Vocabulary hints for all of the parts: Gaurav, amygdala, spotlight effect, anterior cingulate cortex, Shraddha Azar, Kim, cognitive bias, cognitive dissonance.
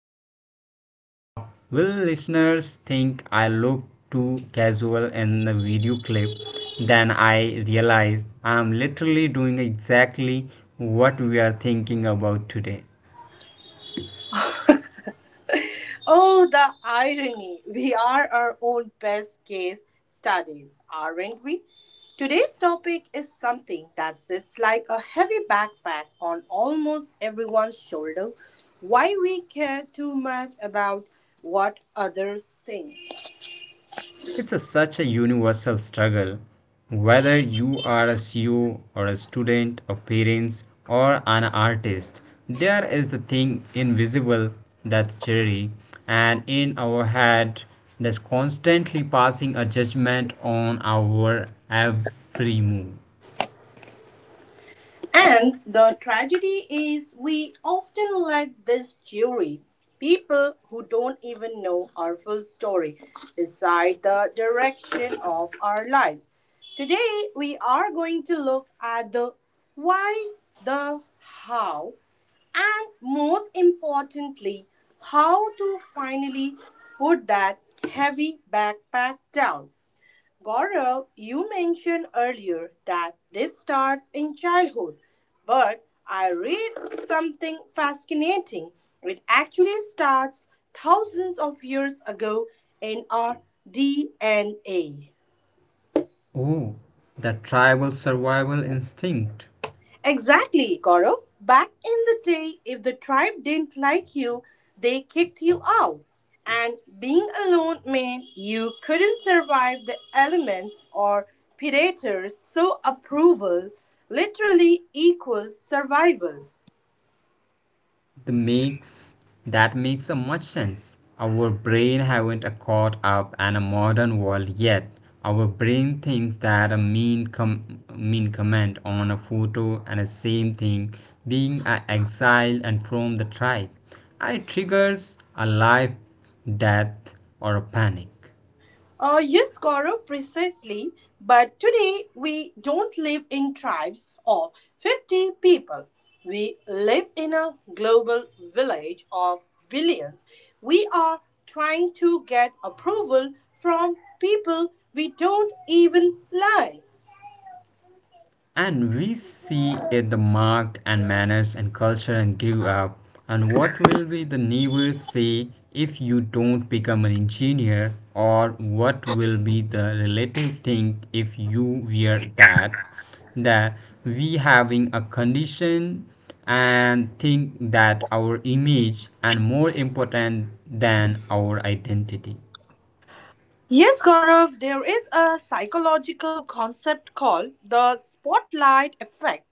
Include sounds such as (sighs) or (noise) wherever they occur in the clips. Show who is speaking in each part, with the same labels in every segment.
Speaker 1: thinking, what will listeners think? I look too casual in the video clip. Then I realized I am literally doing exactly what we are thinking about today.
Speaker 2: Oh, the irony. We are our own best case studies, aren't we? Today's topic is something that sits like a heavy backpack on almost everyone's shoulder why we care too much about what others think.
Speaker 1: Such a universal struggle. Whether you are a CEO or a student, a parents, or an artist, there is the thing invisible that's jury, and in our head that's constantly passing a judgment on our every move.
Speaker 2: And the tragedy is we often let this jury, people who don't even know our full story, decide the direction of our lives. Today, we are going to look at the why, the how, and most importantly, how to finally put that heavy backpack down. Gaurav, you mentioned earlier that this starts in childhood, but I read something fascinating. It actually starts thousands of years ago in our DNA.
Speaker 1: Oh, the tribal survival instinct.
Speaker 2: Exactly, Gaurav. Back in the day, if the tribe didn't like you, they kicked you out. And being alone meant you couldn't survive the elements or predators, so approval literally equals survival.
Speaker 1: The makes That makes a much sense. Our brain haven't caught up in a modern world yet. Our brain thinks that a mean comment on a photo and the same thing being exiled and from the tribe, it triggers a life, death, or a panic.
Speaker 2: Yes, Gaurav, precisely. But today we don't live in tribes of 50 people. We live in a global village of billions. We are trying to get approval from people we don't even like.
Speaker 1: And we see it the mark and manners and culture and grew up. And what will be the neighbors say if you don't become an engineer? Or what will be the relative think if you wear that? That we having a condition and think that our image and more important than our identity.
Speaker 2: Yes, Gaurav, there is a psychological concept called the spotlight effect.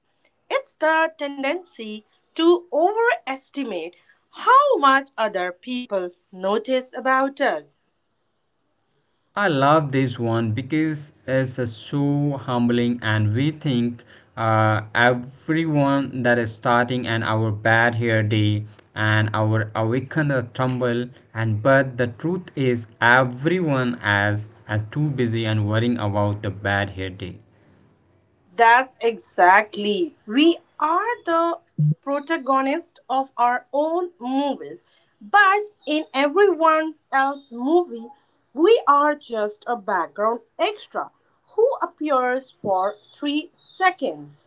Speaker 2: It's the tendency to overestimate how much other people notice about us.
Speaker 1: I love this one because it's so humbling, and we think everyone that is starting and our bad hair day and our awaken a tumble, and but the truth is everyone as too busy and worrying about the bad hair day.
Speaker 2: That's exactly. We are the protagonist of our own movies, but in everyone else's movie, we are just a background extra who appears for 3 seconds.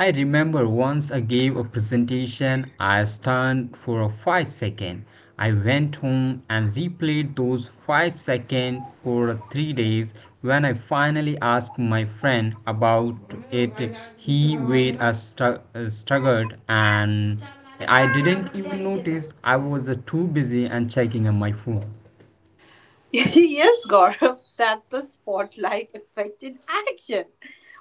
Speaker 1: I remember once I gave a presentation, I stunned for a 5 seconds. I went home and replayed those 5 seconds for 3 days. When I finally asked my friend about it, he were a staggered, and I didn't even notice. I was too busy and checking on my phone.
Speaker 2: (laughs) Yes, Gaurav, that's the spotlight effect in action.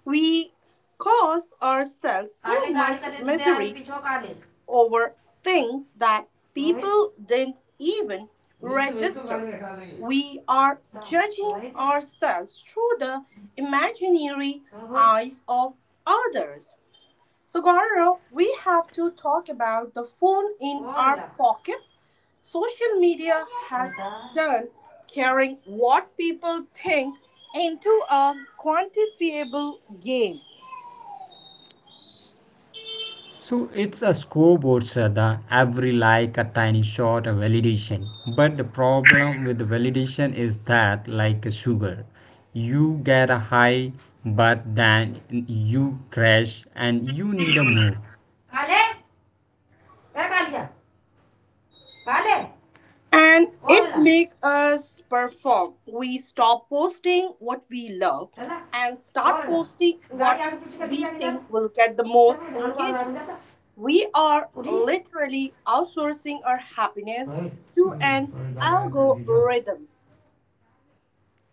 Speaker 2: We cause ourselves so
Speaker 1: काले गाड़ी
Speaker 2: much
Speaker 1: का दे आगे
Speaker 2: misery
Speaker 1: पीछे काले
Speaker 2: over things that
Speaker 1: Rohit
Speaker 2: people didn't even
Speaker 1: नीचे भेज दो
Speaker 2: register.
Speaker 1: गाड़ी हटा ली
Speaker 2: We are judging
Speaker 1: Rohit
Speaker 2: ourselves through the imaginary
Speaker 1: Rohit.
Speaker 2: eyes of others. So, Gaurav, we have to talk about the phone in our pockets. Social media has turned caring what people think into a quantifiable game.
Speaker 1: So it's a scoreboard, Shraddha. Every like a tiny shot of validation. But the problem with the validation is that, like a sugar, you get a high, but then you crash and you need a more. खा ले मैं खा लिया खा ले
Speaker 2: And it
Speaker 1: और ला
Speaker 2: make us perform. We stop posting what we love
Speaker 1: चला
Speaker 2: and start
Speaker 1: और ला
Speaker 2: posting
Speaker 1: गाड़ी
Speaker 2: what
Speaker 1: आगे पीछे कर दी
Speaker 2: we
Speaker 1: जाने जाता
Speaker 2: think will get the
Speaker 1: जब
Speaker 2: most
Speaker 1: ये धान वाला आ
Speaker 2: engagement.
Speaker 1: जाता
Speaker 2: We are
Speaker 1: उठिए
Speaker 2: literally outsourcing our happiness
Speaker 1: थोड़ी
Speaker 2: to an
Speaker 1: गाड़ी आगे कर दीजिए.
Speaker 2: algorithm.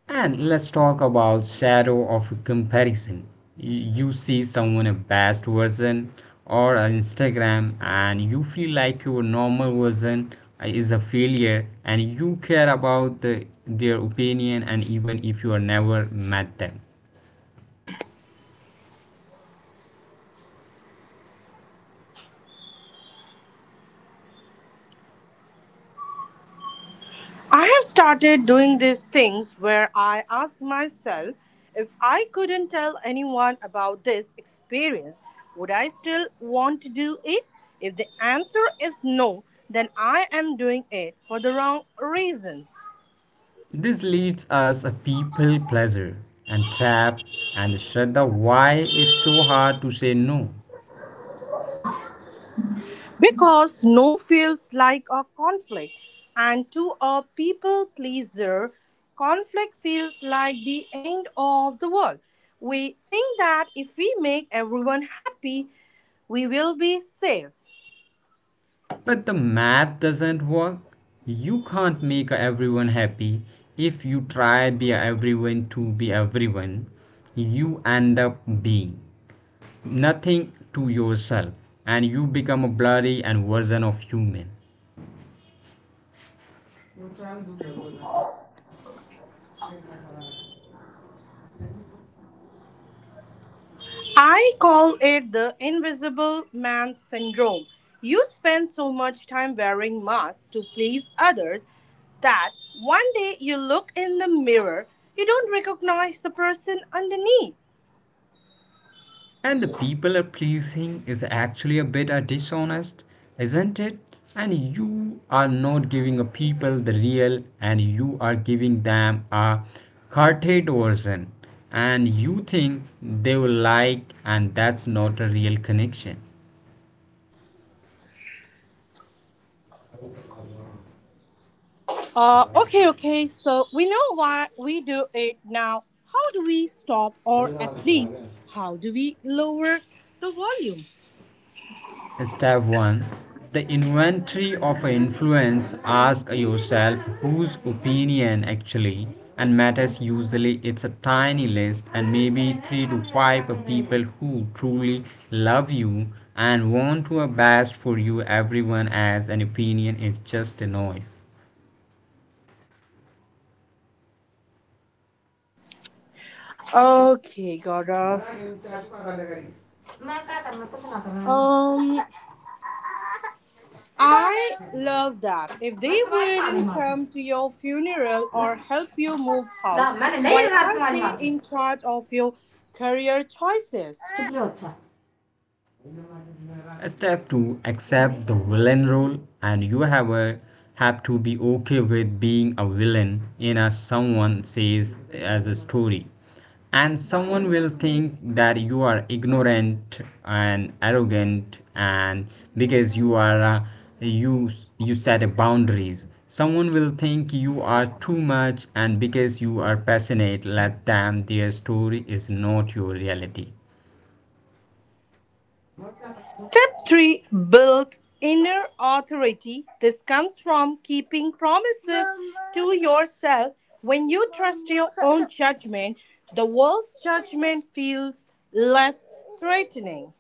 Speaker 1: And let's talk about shadow of comparison. You see someone a best version or an Instagram, and you feel like your normal version is a failure, and you care about the, their opinion and even if you are never met them.
Speaker 2: I have started doing these things where I ask myself, if I couldn't tell anyone about this experience, would I still want to do it? If the answer is no, then I am doing it for the wrong reasons.
Speaker 1: This leads us a people pleasure and trap. And Shraddha, why it's so hard to say no?
Speaker 2: Because no feels like a conflict, and to a people pleaser, conflict feels like the end of the world. We think that if we make everyone happy, we will be safe.
Speaker 1: But the math doesn't work. You can't make everyone happy. If you try be everyone to be everyone, you end up being nothing to yourself, and you become a blurry and version of human.
Speaker 2: I call it the invisible man syndrome. You spend so much time wearing masks to please others that one day you look in the mirror, you don't recognize the person underneath.
Speaker 1: And the people are pleasing is actually a bit dishonest, isn't it? And you are not giving a people the real, and you are giving them a carted version, and you think they will like, and that's not a real connection.
Speaker 2: Okay. So we know why we do it now. How do we stop, or at least, how do we lower the volume?
Speaker 1: Step 1, the inventory of influence. Ask yourself whose opinion actually and matters. Usually it's a tiny list, and maybe 3 to 5 people who truly love you and want to best for you. Everyone as an opinion is just a noise.
Speaker 2: Okay, Gaurav.
Speaker 1: बड़ा घंटा को आधा करी मैं क्या करना कुछ ना करना है ना।
Speaker 2: Um, I
Speaker 1: कितना
Speaker 2: love that. If they
Speaker 1: मैं तुम्हारी कहानी
Speaker 2: wouldn't
Speaker 1: माचिस
Speaker 2: come to your funeral
Speaker 1: ना
Speaker 2: or help you move house,
Speaker 1: ला मैंने ले
Speaker 2: why
Speaker 1: रहा
Speaker 2: are
Speaker 1: तुम्हारी
Speaker 2: they
Speaker 1: माचिस
Speaker 2: in charge of your career choices?
Speaker 1: चुप रहो अच्छा. Step to accept the villain role, and you have a have to be okay with being a villain in a someone says as a story. And someone will think that you are ignorant and arrogant and because you are a, you you set a boundaries. Someone will think you are too much and because you are passionate, let them. Their story is not your reality.
Speaker 2: Step three, build inner authority. This comes from keeping promises to yourself. When you trust your own judgment, the world's judgment feels less threatening.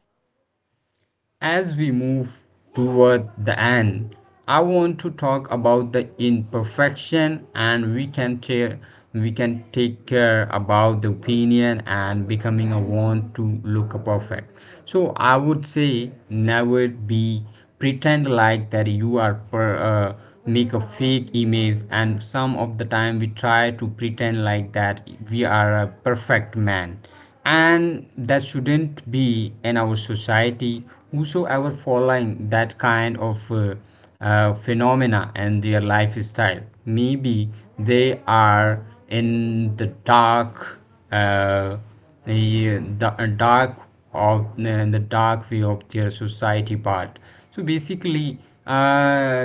Speaker 1: As we move toward the end, I want to talk about the imperfection, and we can take care about the opinion and becoming a want to look perfect. So I would say never be pretend like that you are make a fake image. And some of the time we try to pretend like that we are a perfect man, and that shouldn't be in our society. Whosoever following that kind of phenomena and their lifestyle, maybe they are in the dark, uh, the dark of the dark way of their society part. So basically, uh,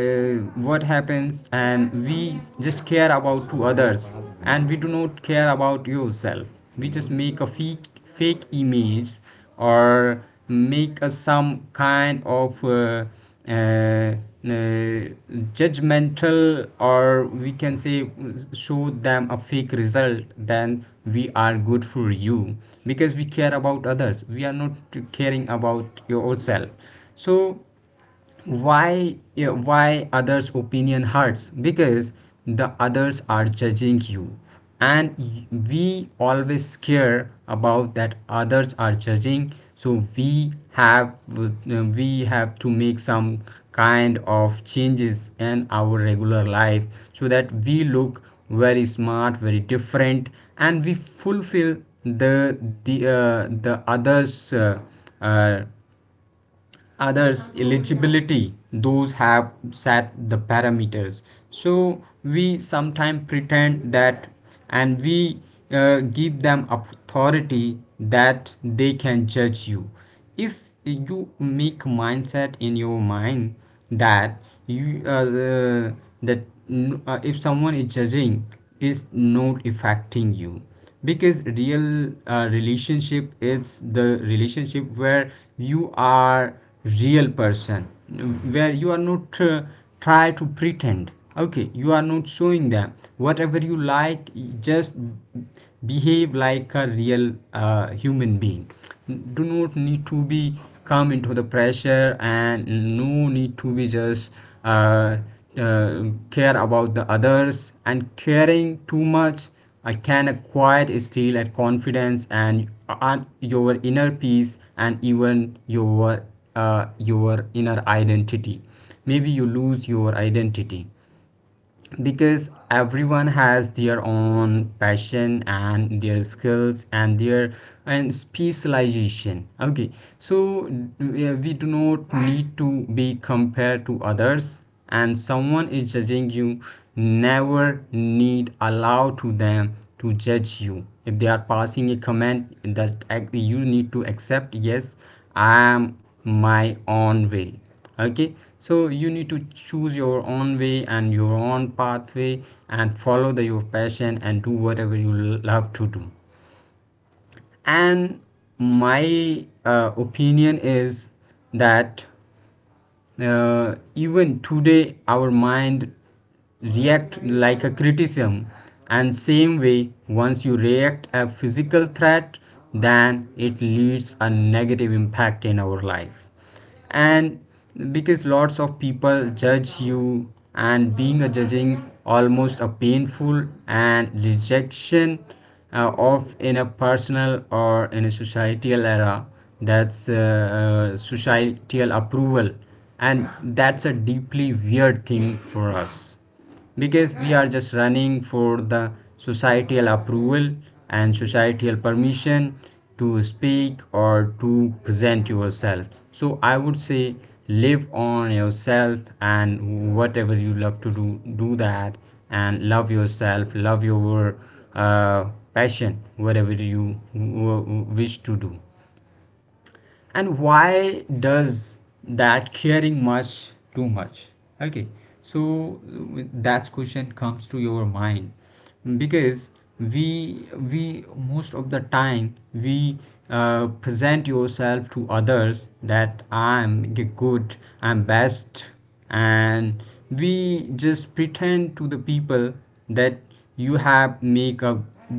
Speaker 1: what happens, and we just care about to others, and we do not care about yourself. We just make a fake image, or make a some kind of uh, uh, judgmental, or we can say show them a fake result, then we are good for you, because we care about others, we are not caring about yourself. So why, yeah, why others opinion hurts? Because the others are judging you, and we always care about that others are judging, so we have, we have to make some kind of changes in our regular life, so that we look very smart, very different, and we fulfill the the others uh, others eligibility. Those have set the parameters, so we sometimes pretend that, and we give them authority that they can judge you. If you make mindset in your mind that you that if someone is judging is not affecting you. Because real relationship is the relationship where you are real person, where you are not try to pretend, okay? You are not showing them whatever you like, just behave like a real human being. Do not need to be come into the pressure, and no need to be just uh, uh, care about the others. And caring too much, I can acquire steal at confidence and your inner peace, and even uh, your inner identity, maybe you lose your identity. Because everyone has their own passion and their skills and their and specialization, okay? So we do not need to be compared to others. And someone is judging you, never need allow to them to judge you. If they are passing a comment that you need to accept, yes, I am my own way, okay? So you need to choose your own way and your own pathway, and follow the, your passion and do whatever you love to do. And my opinion is that, even today our mind react like a criticism, and same way once you react a physical threat, then it leads a negative impact in our life. And because lots of people judge you, and being a judging almost a painful, and rejection of in a personal or in a societal era, that's societal approval. And that's a deeply weird thing for us, because we are just running for the societal approval and societal permission to speak or to present yourself. So I would say, live on yourself, and whatever you love to do, do that. And love yourself, love your uh, passion, whatever you wish to do. And why does that caring much too much, okay? So that question comes to your mind, because we most of the time we present yourself to others, that I'm good, I'm best. And we just pretend to the people that you have make a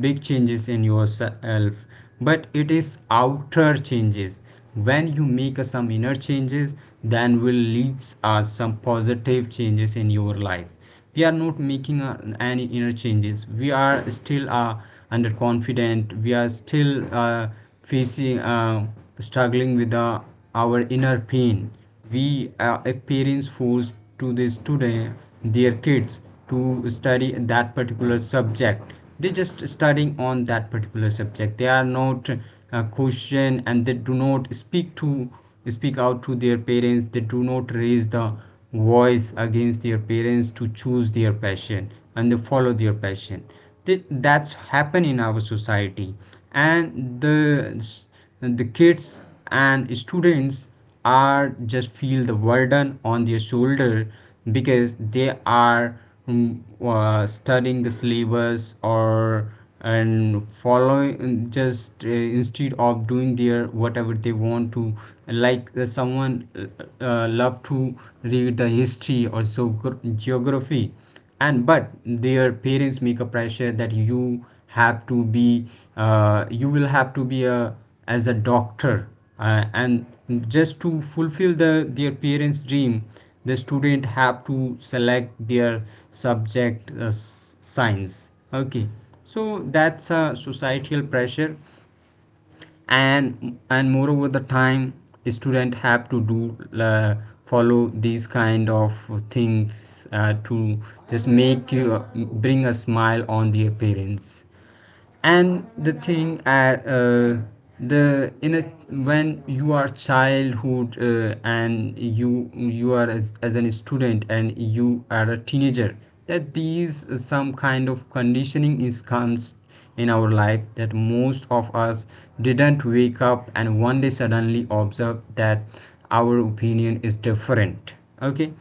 Speaker 1: big changes in yourself, but it is outer changes. When you make a some inner changes, then will leads us some positive changes in your life. We are not making any inner changes. We are still underconfident, we are still facing struggling with our inner pain. We if parents force to the student, their kids, to study that particular subject, they just studying on that particular subject. They are not question, and they do not speak out to their parents. They do not raise the voice against their parents to choose their passion and they follow their passion. That's happen in our society. And the kids and students are just feel the burden on their shoulder. Because they are mm, studying the syllabus, or and following just instead of doing their whatever they want to. Like someone love to read the history, or so geography, and but their parents make a pressure that you have to be you will have to be a as a doctor, and just to fulfill the their parents dream, the student have to select their subject, science, okay? So that's a societal pressure. And moreover the time student have to do follow these kind of things to just make you bring a smile on their parents. And the thing the in a when you are childhood and you are as an student and you are a teenager, that these some kind of conditioning is comes in our life, that most of us didn't wake up and one day suddenly observe that our opinion is different. Okay.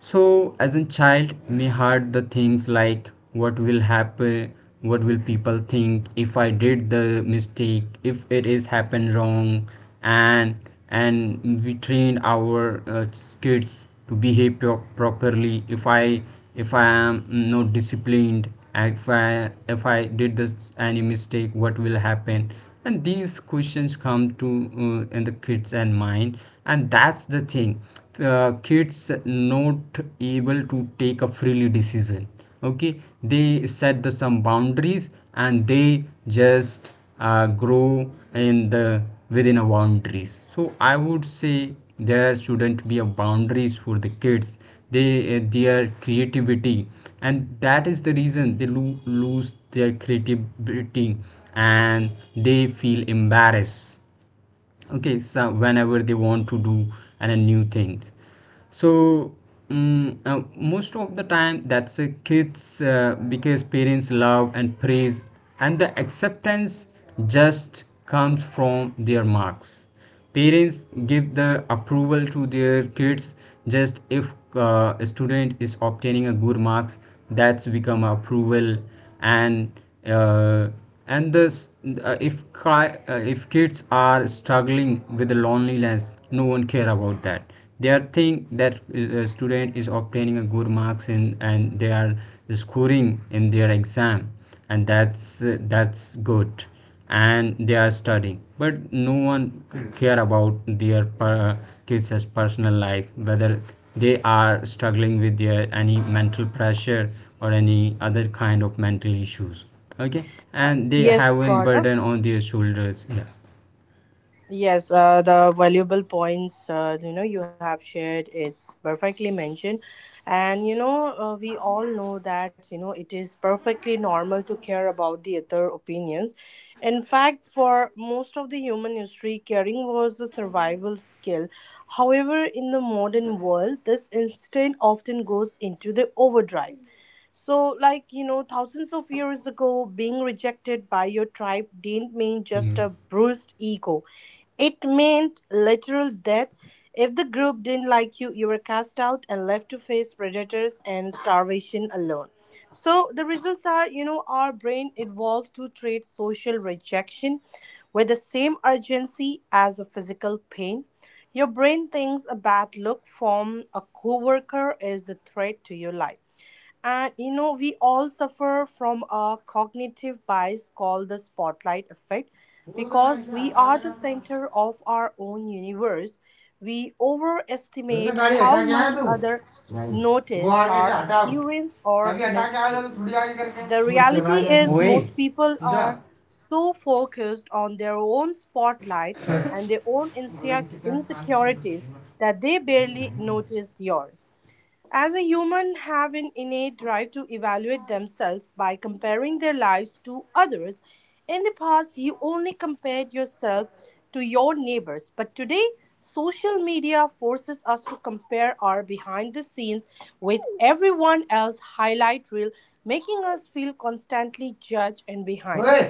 Speaker 1: So, as a child, me heard the things like what will happen, what will people think if I did the mistake, if it is happened wrong, and and we trained our kids to behave properly. If I am not disciplined, if I did this any mistake, what will happen? And these questions come to in the kids and mind, and that's the thing. Kids not able to take a freely decision. Okay, they set the some boundaries and they just grow in the within a boundaries. So I would say there shouldn't be a boundaries for the kids. They their creativity, and that is the reason they lose their creativity, and they feel embarrassed. Okay, so whenever they want to do and a new things, so most of the time that's a kids because parents love and praise and the acceptance just comes from their marks. Parents give the approval to their kids just if a student is obtaining a good marks. That's become approval. And uh, and this if if kids are struggling with the loneliness, no one care about that. They are think that a student is obtaining a good marks in and they are scoring in their exam, and that's good, and they are studying, but no one care about their kids' personal life, whether they are struggling with their any mental pressure or any other kind of mental issues. Okay. And they have
Speaker 2: Yes,
Speaker 1: a burden
Speaker 2: Gaurav.
Speaker 1: on their shoulders. Yeah.
Speaker 2: Yes, the valuable points you know you have shared, it's perfectly mentioned, and you know we all know that you know it is perfectly normal to care about the other opinions. In fact, for most of the human history, caring was a survival skill. However, in the modern world, this instinct often goes into the overdrive. So, like, you know, thousands of years ago, being rejected by your tribe didn't mean
Speaker 1: Yeah.
Speaker 2: just a bruised ego. It meant literal death. If the group didn't like you were cast out and left to face predators and starvation alone. So the results are, you know, our brain evolved to treat social rejection with the same urgency as a physical pain. Your brain thinks a bad look from a coworker is a threat to your life. And you know, we all suffer from a cognitive bias called the spotlight effect
Speaker 1: बोल रहा है
Speaker 2: because
Speaker 1: इसे
Speaker 2: we are the center of our own universe. We
Speaker 1: हटा देगा। तो
Speaker 2: overestimate
Speaker 1: गाड़ी
Speaker 2: how
Speaker 1: हटा के आया
Speaker 2: much others
Speaker 1: तू नहीं वो
Speaker 2: notice
Speaker 1: आगे से
Speaker 2: our
Speaker 1: हटाओ
Speaker 2: appearance or
Speaker 1: तभी हटा के आया था तो
Speaker 2: mistakes.
Speaker 1: थोड़ी आगे
Speaker 2: The
Speaker 1: करके वो चला
Speaker 2: reality
Speaker 1: गया था।
Speaker 2: is
Speaker 1: ओए
Speaker 2: most people
Speaker 1: (laughs)
Speaker 2: are so focused on their own spotlight
Speaker 1: पूछा
Speaker 2: and their own
Speaker 1: बँकेचा कांचन
Speaker 2: insecurities that they barely notice yours. As a human have an innate drive to evaluate themselves by comparing their lives to others. In the past you only compared yourself to your neighbors, but today social media forces us to compare our behind the scenes with everyone else's highlight reel, making us feel constantly judged and behind.
Speaker 1: होय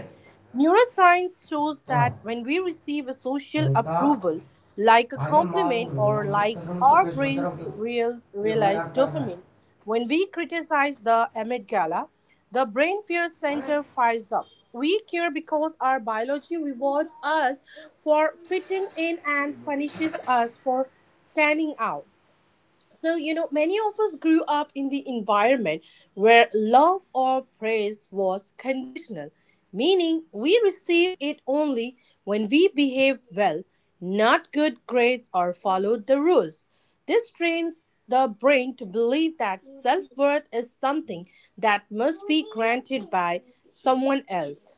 Speaker 2: Neuroscience shows that when we receive a social
Speaker 1: होता
Speaker 2: approval, like a
Speaker 1: भाई मारू
Speaker 2: compliment or
Speaker 1: मैं
Speaker 2: like
Speaker 1: तो समझ तो
Speaker 2: our
Speaker 1: कैसे सोच रहा हूँ
Speaker 2: brains
Speaker 1: कि ये
Speaker 2: realize
Speaker 1: मजाक कर रहा
Speaker 2: dopamine, when we criticize the amygdala, the brain fear
Speaker 1: है
Speaker 2: center fires up. We care because our biology rewards us for fitting in and punishes us for standing out. So, you know, many of us grew up in the environment where love or praise was conditional, meaning we received it only when we behaved well, not good grades or followed the rules. This trains the brain to believe that self worth is something that must be granted by someone else.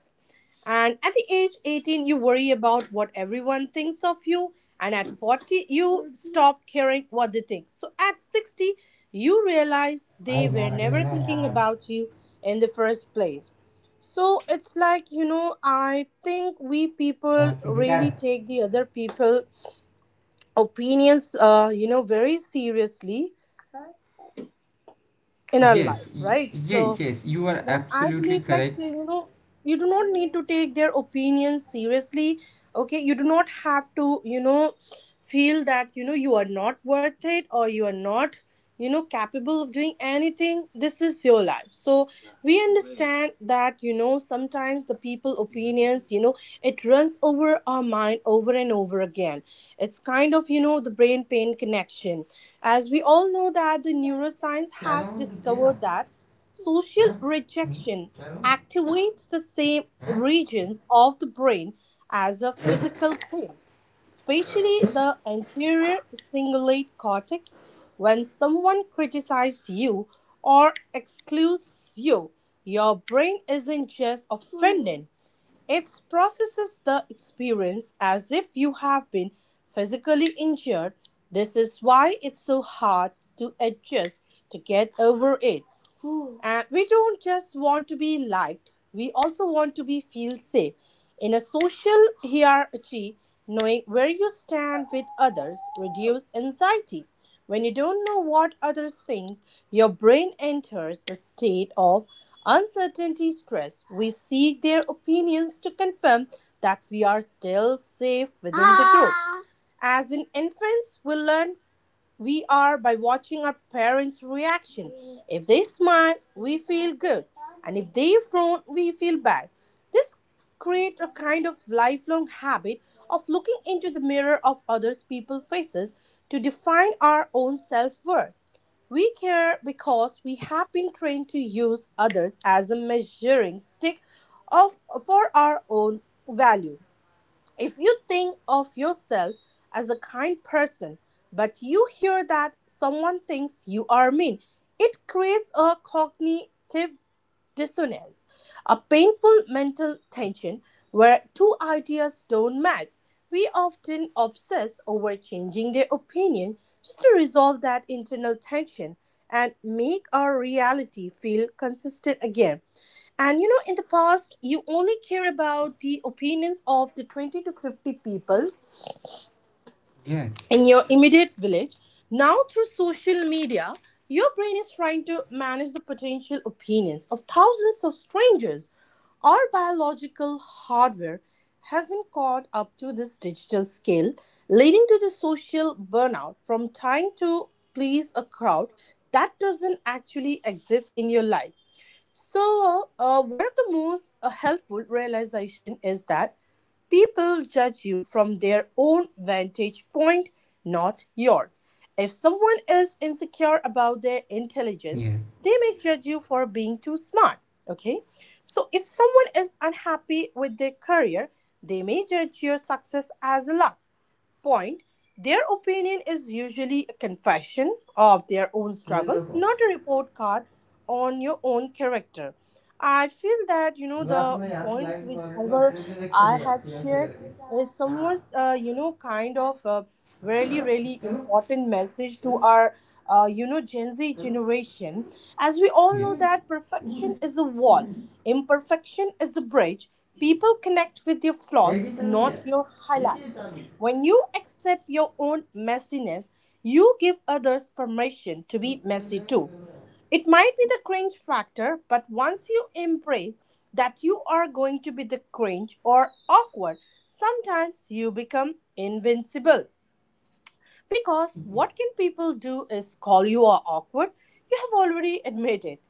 Speaker 2: And at the age 18, you worry about what everyone thinks of you. And at 40, you stop caring what they think. So at 60, you realize
Speaker 1: भाई
Speaker 2: they were
Speaker 1: यार रख
Speaker 2: never
Speaker 1: लेना
Speaker 2: thinking
Speaker 1: यार
Speaker 2: about you in the first place. So it's like, you know, I think we people
Speaker 1: रास्ते दिखा रहे
Speaker 2: really take the other people opinions, you know, very seriously in our
Speaker 1: Yes,
Speaker 2: life, right? So
Speaker 1: yes, you are
Speaker 2: then I
Speaker 1: absolutely
Speaker 2: believe, like,
Speaker 1: correct.
Speaker 2: you know, you do not need to take their opinions seriously. Okay, you do not have to, you know, feel that, you know, you are not worth it, or you are not, you know, capable of doing anything. This is your life. So we understand that, you know, sometimes the people opinions, you know, it runs over our mind over and over again. It's kind of, you know, the brain pain connection. As we all know that the neuroscience
Speaker 1: चलो
Speaker 2: has
Speaker 1: तेरा
Speaker 2: discovered that social
Speaker 1: हैं
Speaker 2: rejection
Speaker 1: चलो
Speaker 2: activates the same
Speaker 1: हैं
Speaker 2: regions of the brain as a physical pain, especially the anterior cingulate cortex. When someone criticizes you or excludes you, your brain isn't just offended, it processes the experience as if you have been physically injured. This is why it's so hard to adjust to get over it. (sighs) Hmm. And we don't just want to be liked, we also want to be feel safe. In a social hierarchy, knowing where you stand with others reduces anxiety. When you don't know what others think, your brain enters a state of uncertainty stress. We seek their opinions to confirm that we are still safe within the group. As in infants, we learn we are by watching our parents' reaction. If they smile, we feel good, and if they frown, we feel bad. This creates a kind of lifelong habit of looking into the mirror of others people's faces to define our own self-worth. We care because we have been trained to use others as a measuring stick of for our own value. If you think of yourself as a kind person, but you hear that someone thinks you are mean, it creates a cognitive dissonance, a painful mental tension where two ideas don't match. We often obsess over changing their opinion just to resolve that internal tension and make our reality feel consistent again. And you know, in the past, you only care about the opinions of the 20 to 50 people
Speaker 1: Yes,
Speaker 2: in your immediate village. Now, through social media, your brain is trying to manage the potential opinions of thousands of strangers. Our biological hardware hasn't caught up to this digital scale, leading to the social burnout from trying to please a crowd that doesn't actually exist in your life. So, one of the most helpful realization is that people judge you from their own vantage point, not yours. If someone is insecure about their intelligence,
Speaker 1: yeah.
Speaker 2: they may judge you for being too smart. Okay? So, if someone is unhappy with their career, they may judge your success as luck point, their opinion is usually a confession of their own
Speaker 1: ये
Speaker 2: struggles,
Speaker 1: देखो
Speaker 2: not a report card on your own character. I feel that, you know,
Speaker 1: रात
Speaker 2: the
Speaker 1: में यहाँ
Speaker 2: points
Speaker 1: light मारू मैं
Speaker 2: whichever
Speaker 1: पूरे रिक्शे में
Speaker 2: I have
Speaker 1: जाती है ऐसे
Speaker 2: shared is
Speaker 1: करके हाँ
Speaker 2: somewhat, you know, kind of a really really
Speaker 1: चलो
Speaker 2: important message to
Speaker 1: चलो
Speaker 2: our you know, Gen Z
Speaker 1: चलो
Speaker 2: generation. As we all know
Speaker 1: 예.
Speaker 2: that perfection
Speaker 1: 우리
Speaker 2: is a wall,
Speaker 1: 우리
Speaker 2: imperfection is a bridge. People connect with your
Speaker 1: 애기
Speaker 2: flaws,
Speaker 1: 짱이야.
Speaker 2: not your
Speaker 1: 애기
Speaker 2: highlights.
Speaker 1: 짱.
Speaker 2: When you accept your own messiness, you give others permission to be messy too. It might be the cringe factor, but once you embrace that you are going to be the cringe or awkward, sometimes you become invincible. Because what can people do is call you a awkward. You have already admitted.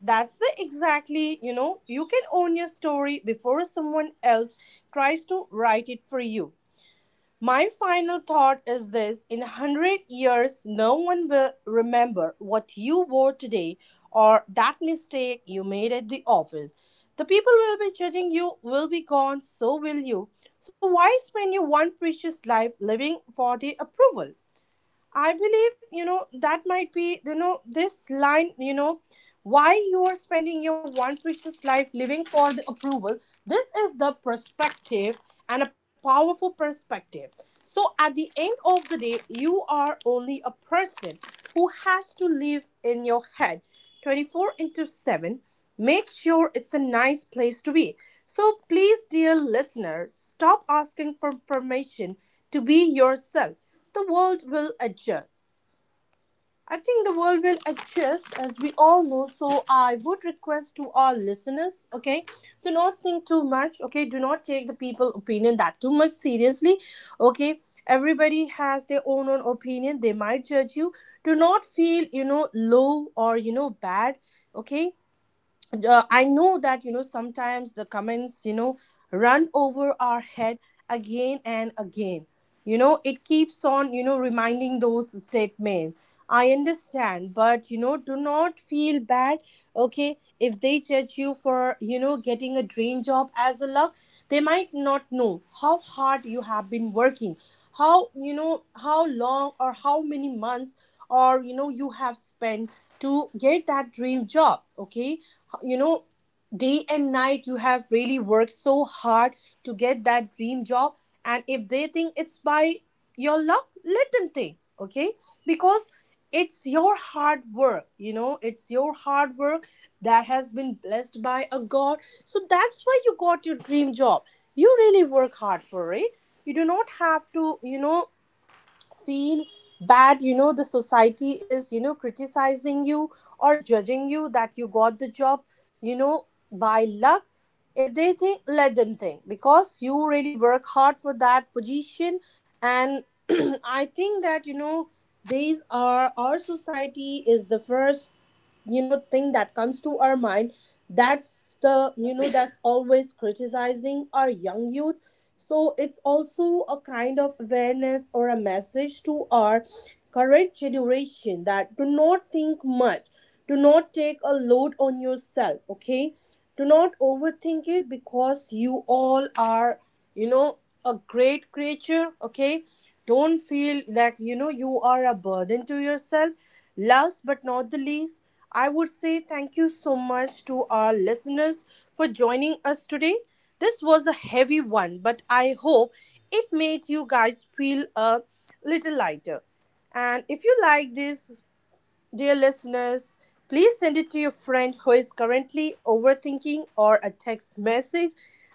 Speaker 2: That's the exactly. You can own your story before someone else tries to write it for you. My final thought is this: in 100 years, no one will remember what you wore today or that mistake you made at the office. The people will be judging you, will be gone, so will you. So why spend your one precious life living for the approval? I believe, you know, that might be, you know, this line, you know, Why you are spending your one precious life living for the approval? This is the perspective and a powerful perspective. So at the end of the day, you are only a person who has to live in your head 24 into 7. Make sure it's a nice place to be. So please, dear listeners, stop asking for permission to be yourself. The world will adjust. I think the world will adjust, as we all know. So I would request to our listeners, okay, do not think too much. Okay, do not take the people opinion that too much seriously, okay. Everybody has their own opinion. They might judge you. Do not feel low or bad, okay. I know that sometimes the comments run over our head again and again. It keeps on reminding those statements. I understand, but do not feel bad. Okay, if they judge you for getting a dream job as a luck, they might not know how hard you have been working, how how long or how many months or you have spent to get that dream job. Okay, you know day and night you have really worked so hard to get that dream job. And if they think it's by your luck, let them think. Okay, because it's your hard work, it's your hard work that has been blessed by a god, so that's why you got your dream job. You really work hard for it. You do not have to feel bad. The society is criticizing you or judging you that you got the job by luck. If they think, let them think, because you really work hard for that position. And (clears throat) I think that these are, our society is the first thing that comes to our mind. That's the, that's always criticizing our young youth. So it's also a kind of awareness or a message to our current generation that do not think much. Do not take a load on yourself, okay. Do not overthink it, because you all are, you know a great creature. Okay, don't feel like you are a burden to yourself. Last but not the least, I would say thank you so much to our listeners for joining us today. This was a heavy one, but I hope it made you guys feel a little lighter. And if you like this, dear listeners, please send it to your friend who is currently overthinking, or a text message.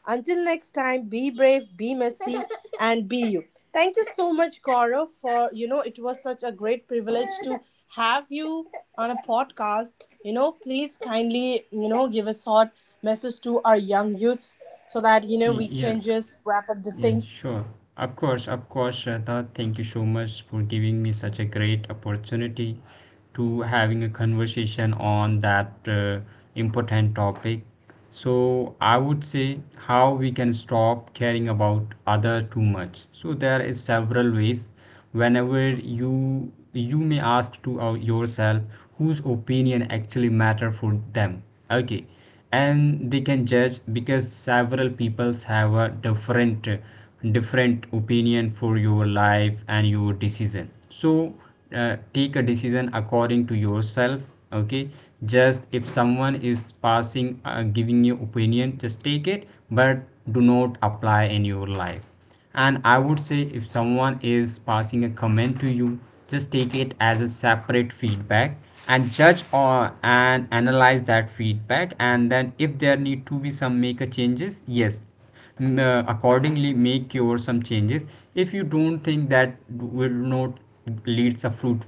Speaker 2: Until next time, be brave, be messy, (laughs) and be you. Thank you so much, Gaurav, for, it was such a great privilege to have you on a podcast. Please kindly give a short message to our young youths so that we
Speaker 1: Yeah,
Speaker 2: can just wrap up the
Speaker 1: yeah,
Speaker 2: things.
Speaker 1: sure. Of course, Shraddha. Thank you so much for giving me such a great opportunity to having a conversation on that important topic. So I would say how we can stop caring about other too much. So there is several ways. Whenever you may ask to yourself, whose opinion actually matter for them? Okay, and they can judge because several peoples have a different different opinion for your life and your decision. So take a decision according to yourself. Okay, just if someone is passing giving you opinion, just take it, but do not apply in your life. And I would say if someone is passing a comment to you, just take it as a separate feedback and judge or and analyze that feedback. And then if there need to be some make a changes, yes, accordingly make your some changes. If you don't think that will not leads a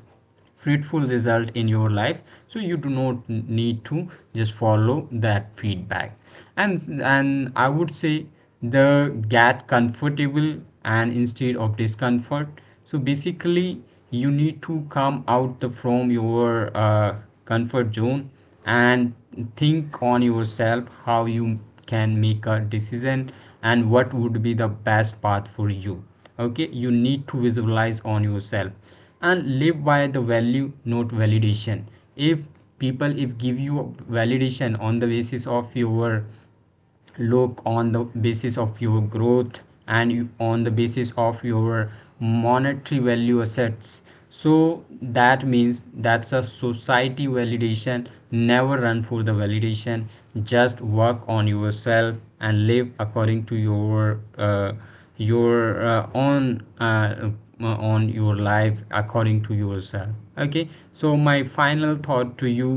Speaker 1: fruitful result in your life, so you do not need to just follow that feedback. And I would say the get comfortable and instead of discomfort. So basically you need to come out from your comfort zone and think on yourself how you can make a decision and what would be the best path for you. Okay, you need to visualize on yourself and live by the value, not validation. If people, if give you validation on the basis of your look, on the basis of your growth, and on the basis of your monetary value assets, so that means that's a society validation. Never run for the validation. Just work on yourself and live according to uh, your own on your life according to yourself. Okay. So my final thought to you: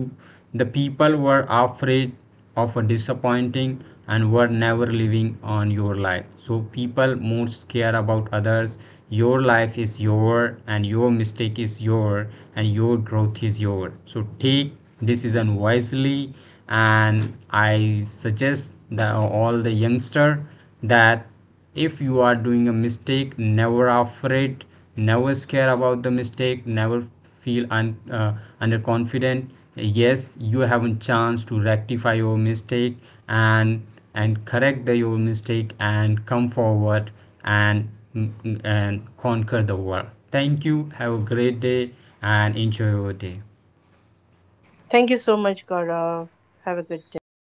Speaker 1: the people were afraid often disappointing and were never living on your life, so people most care about others. Your life is your and your mistake is your and your growth is your, so take decision wisely. And I suggest that all the youngster that if you are doing a mistake, never afraid, never scare about the mistake, never feel underconfident. Yes, you have a chance to rectify your mistake and and correct your mistake and come forward and and conquer the world. Thank you, have a great day and enjoy your day.
Speaker 2: Thank you so much, Gaurav. Have a good day.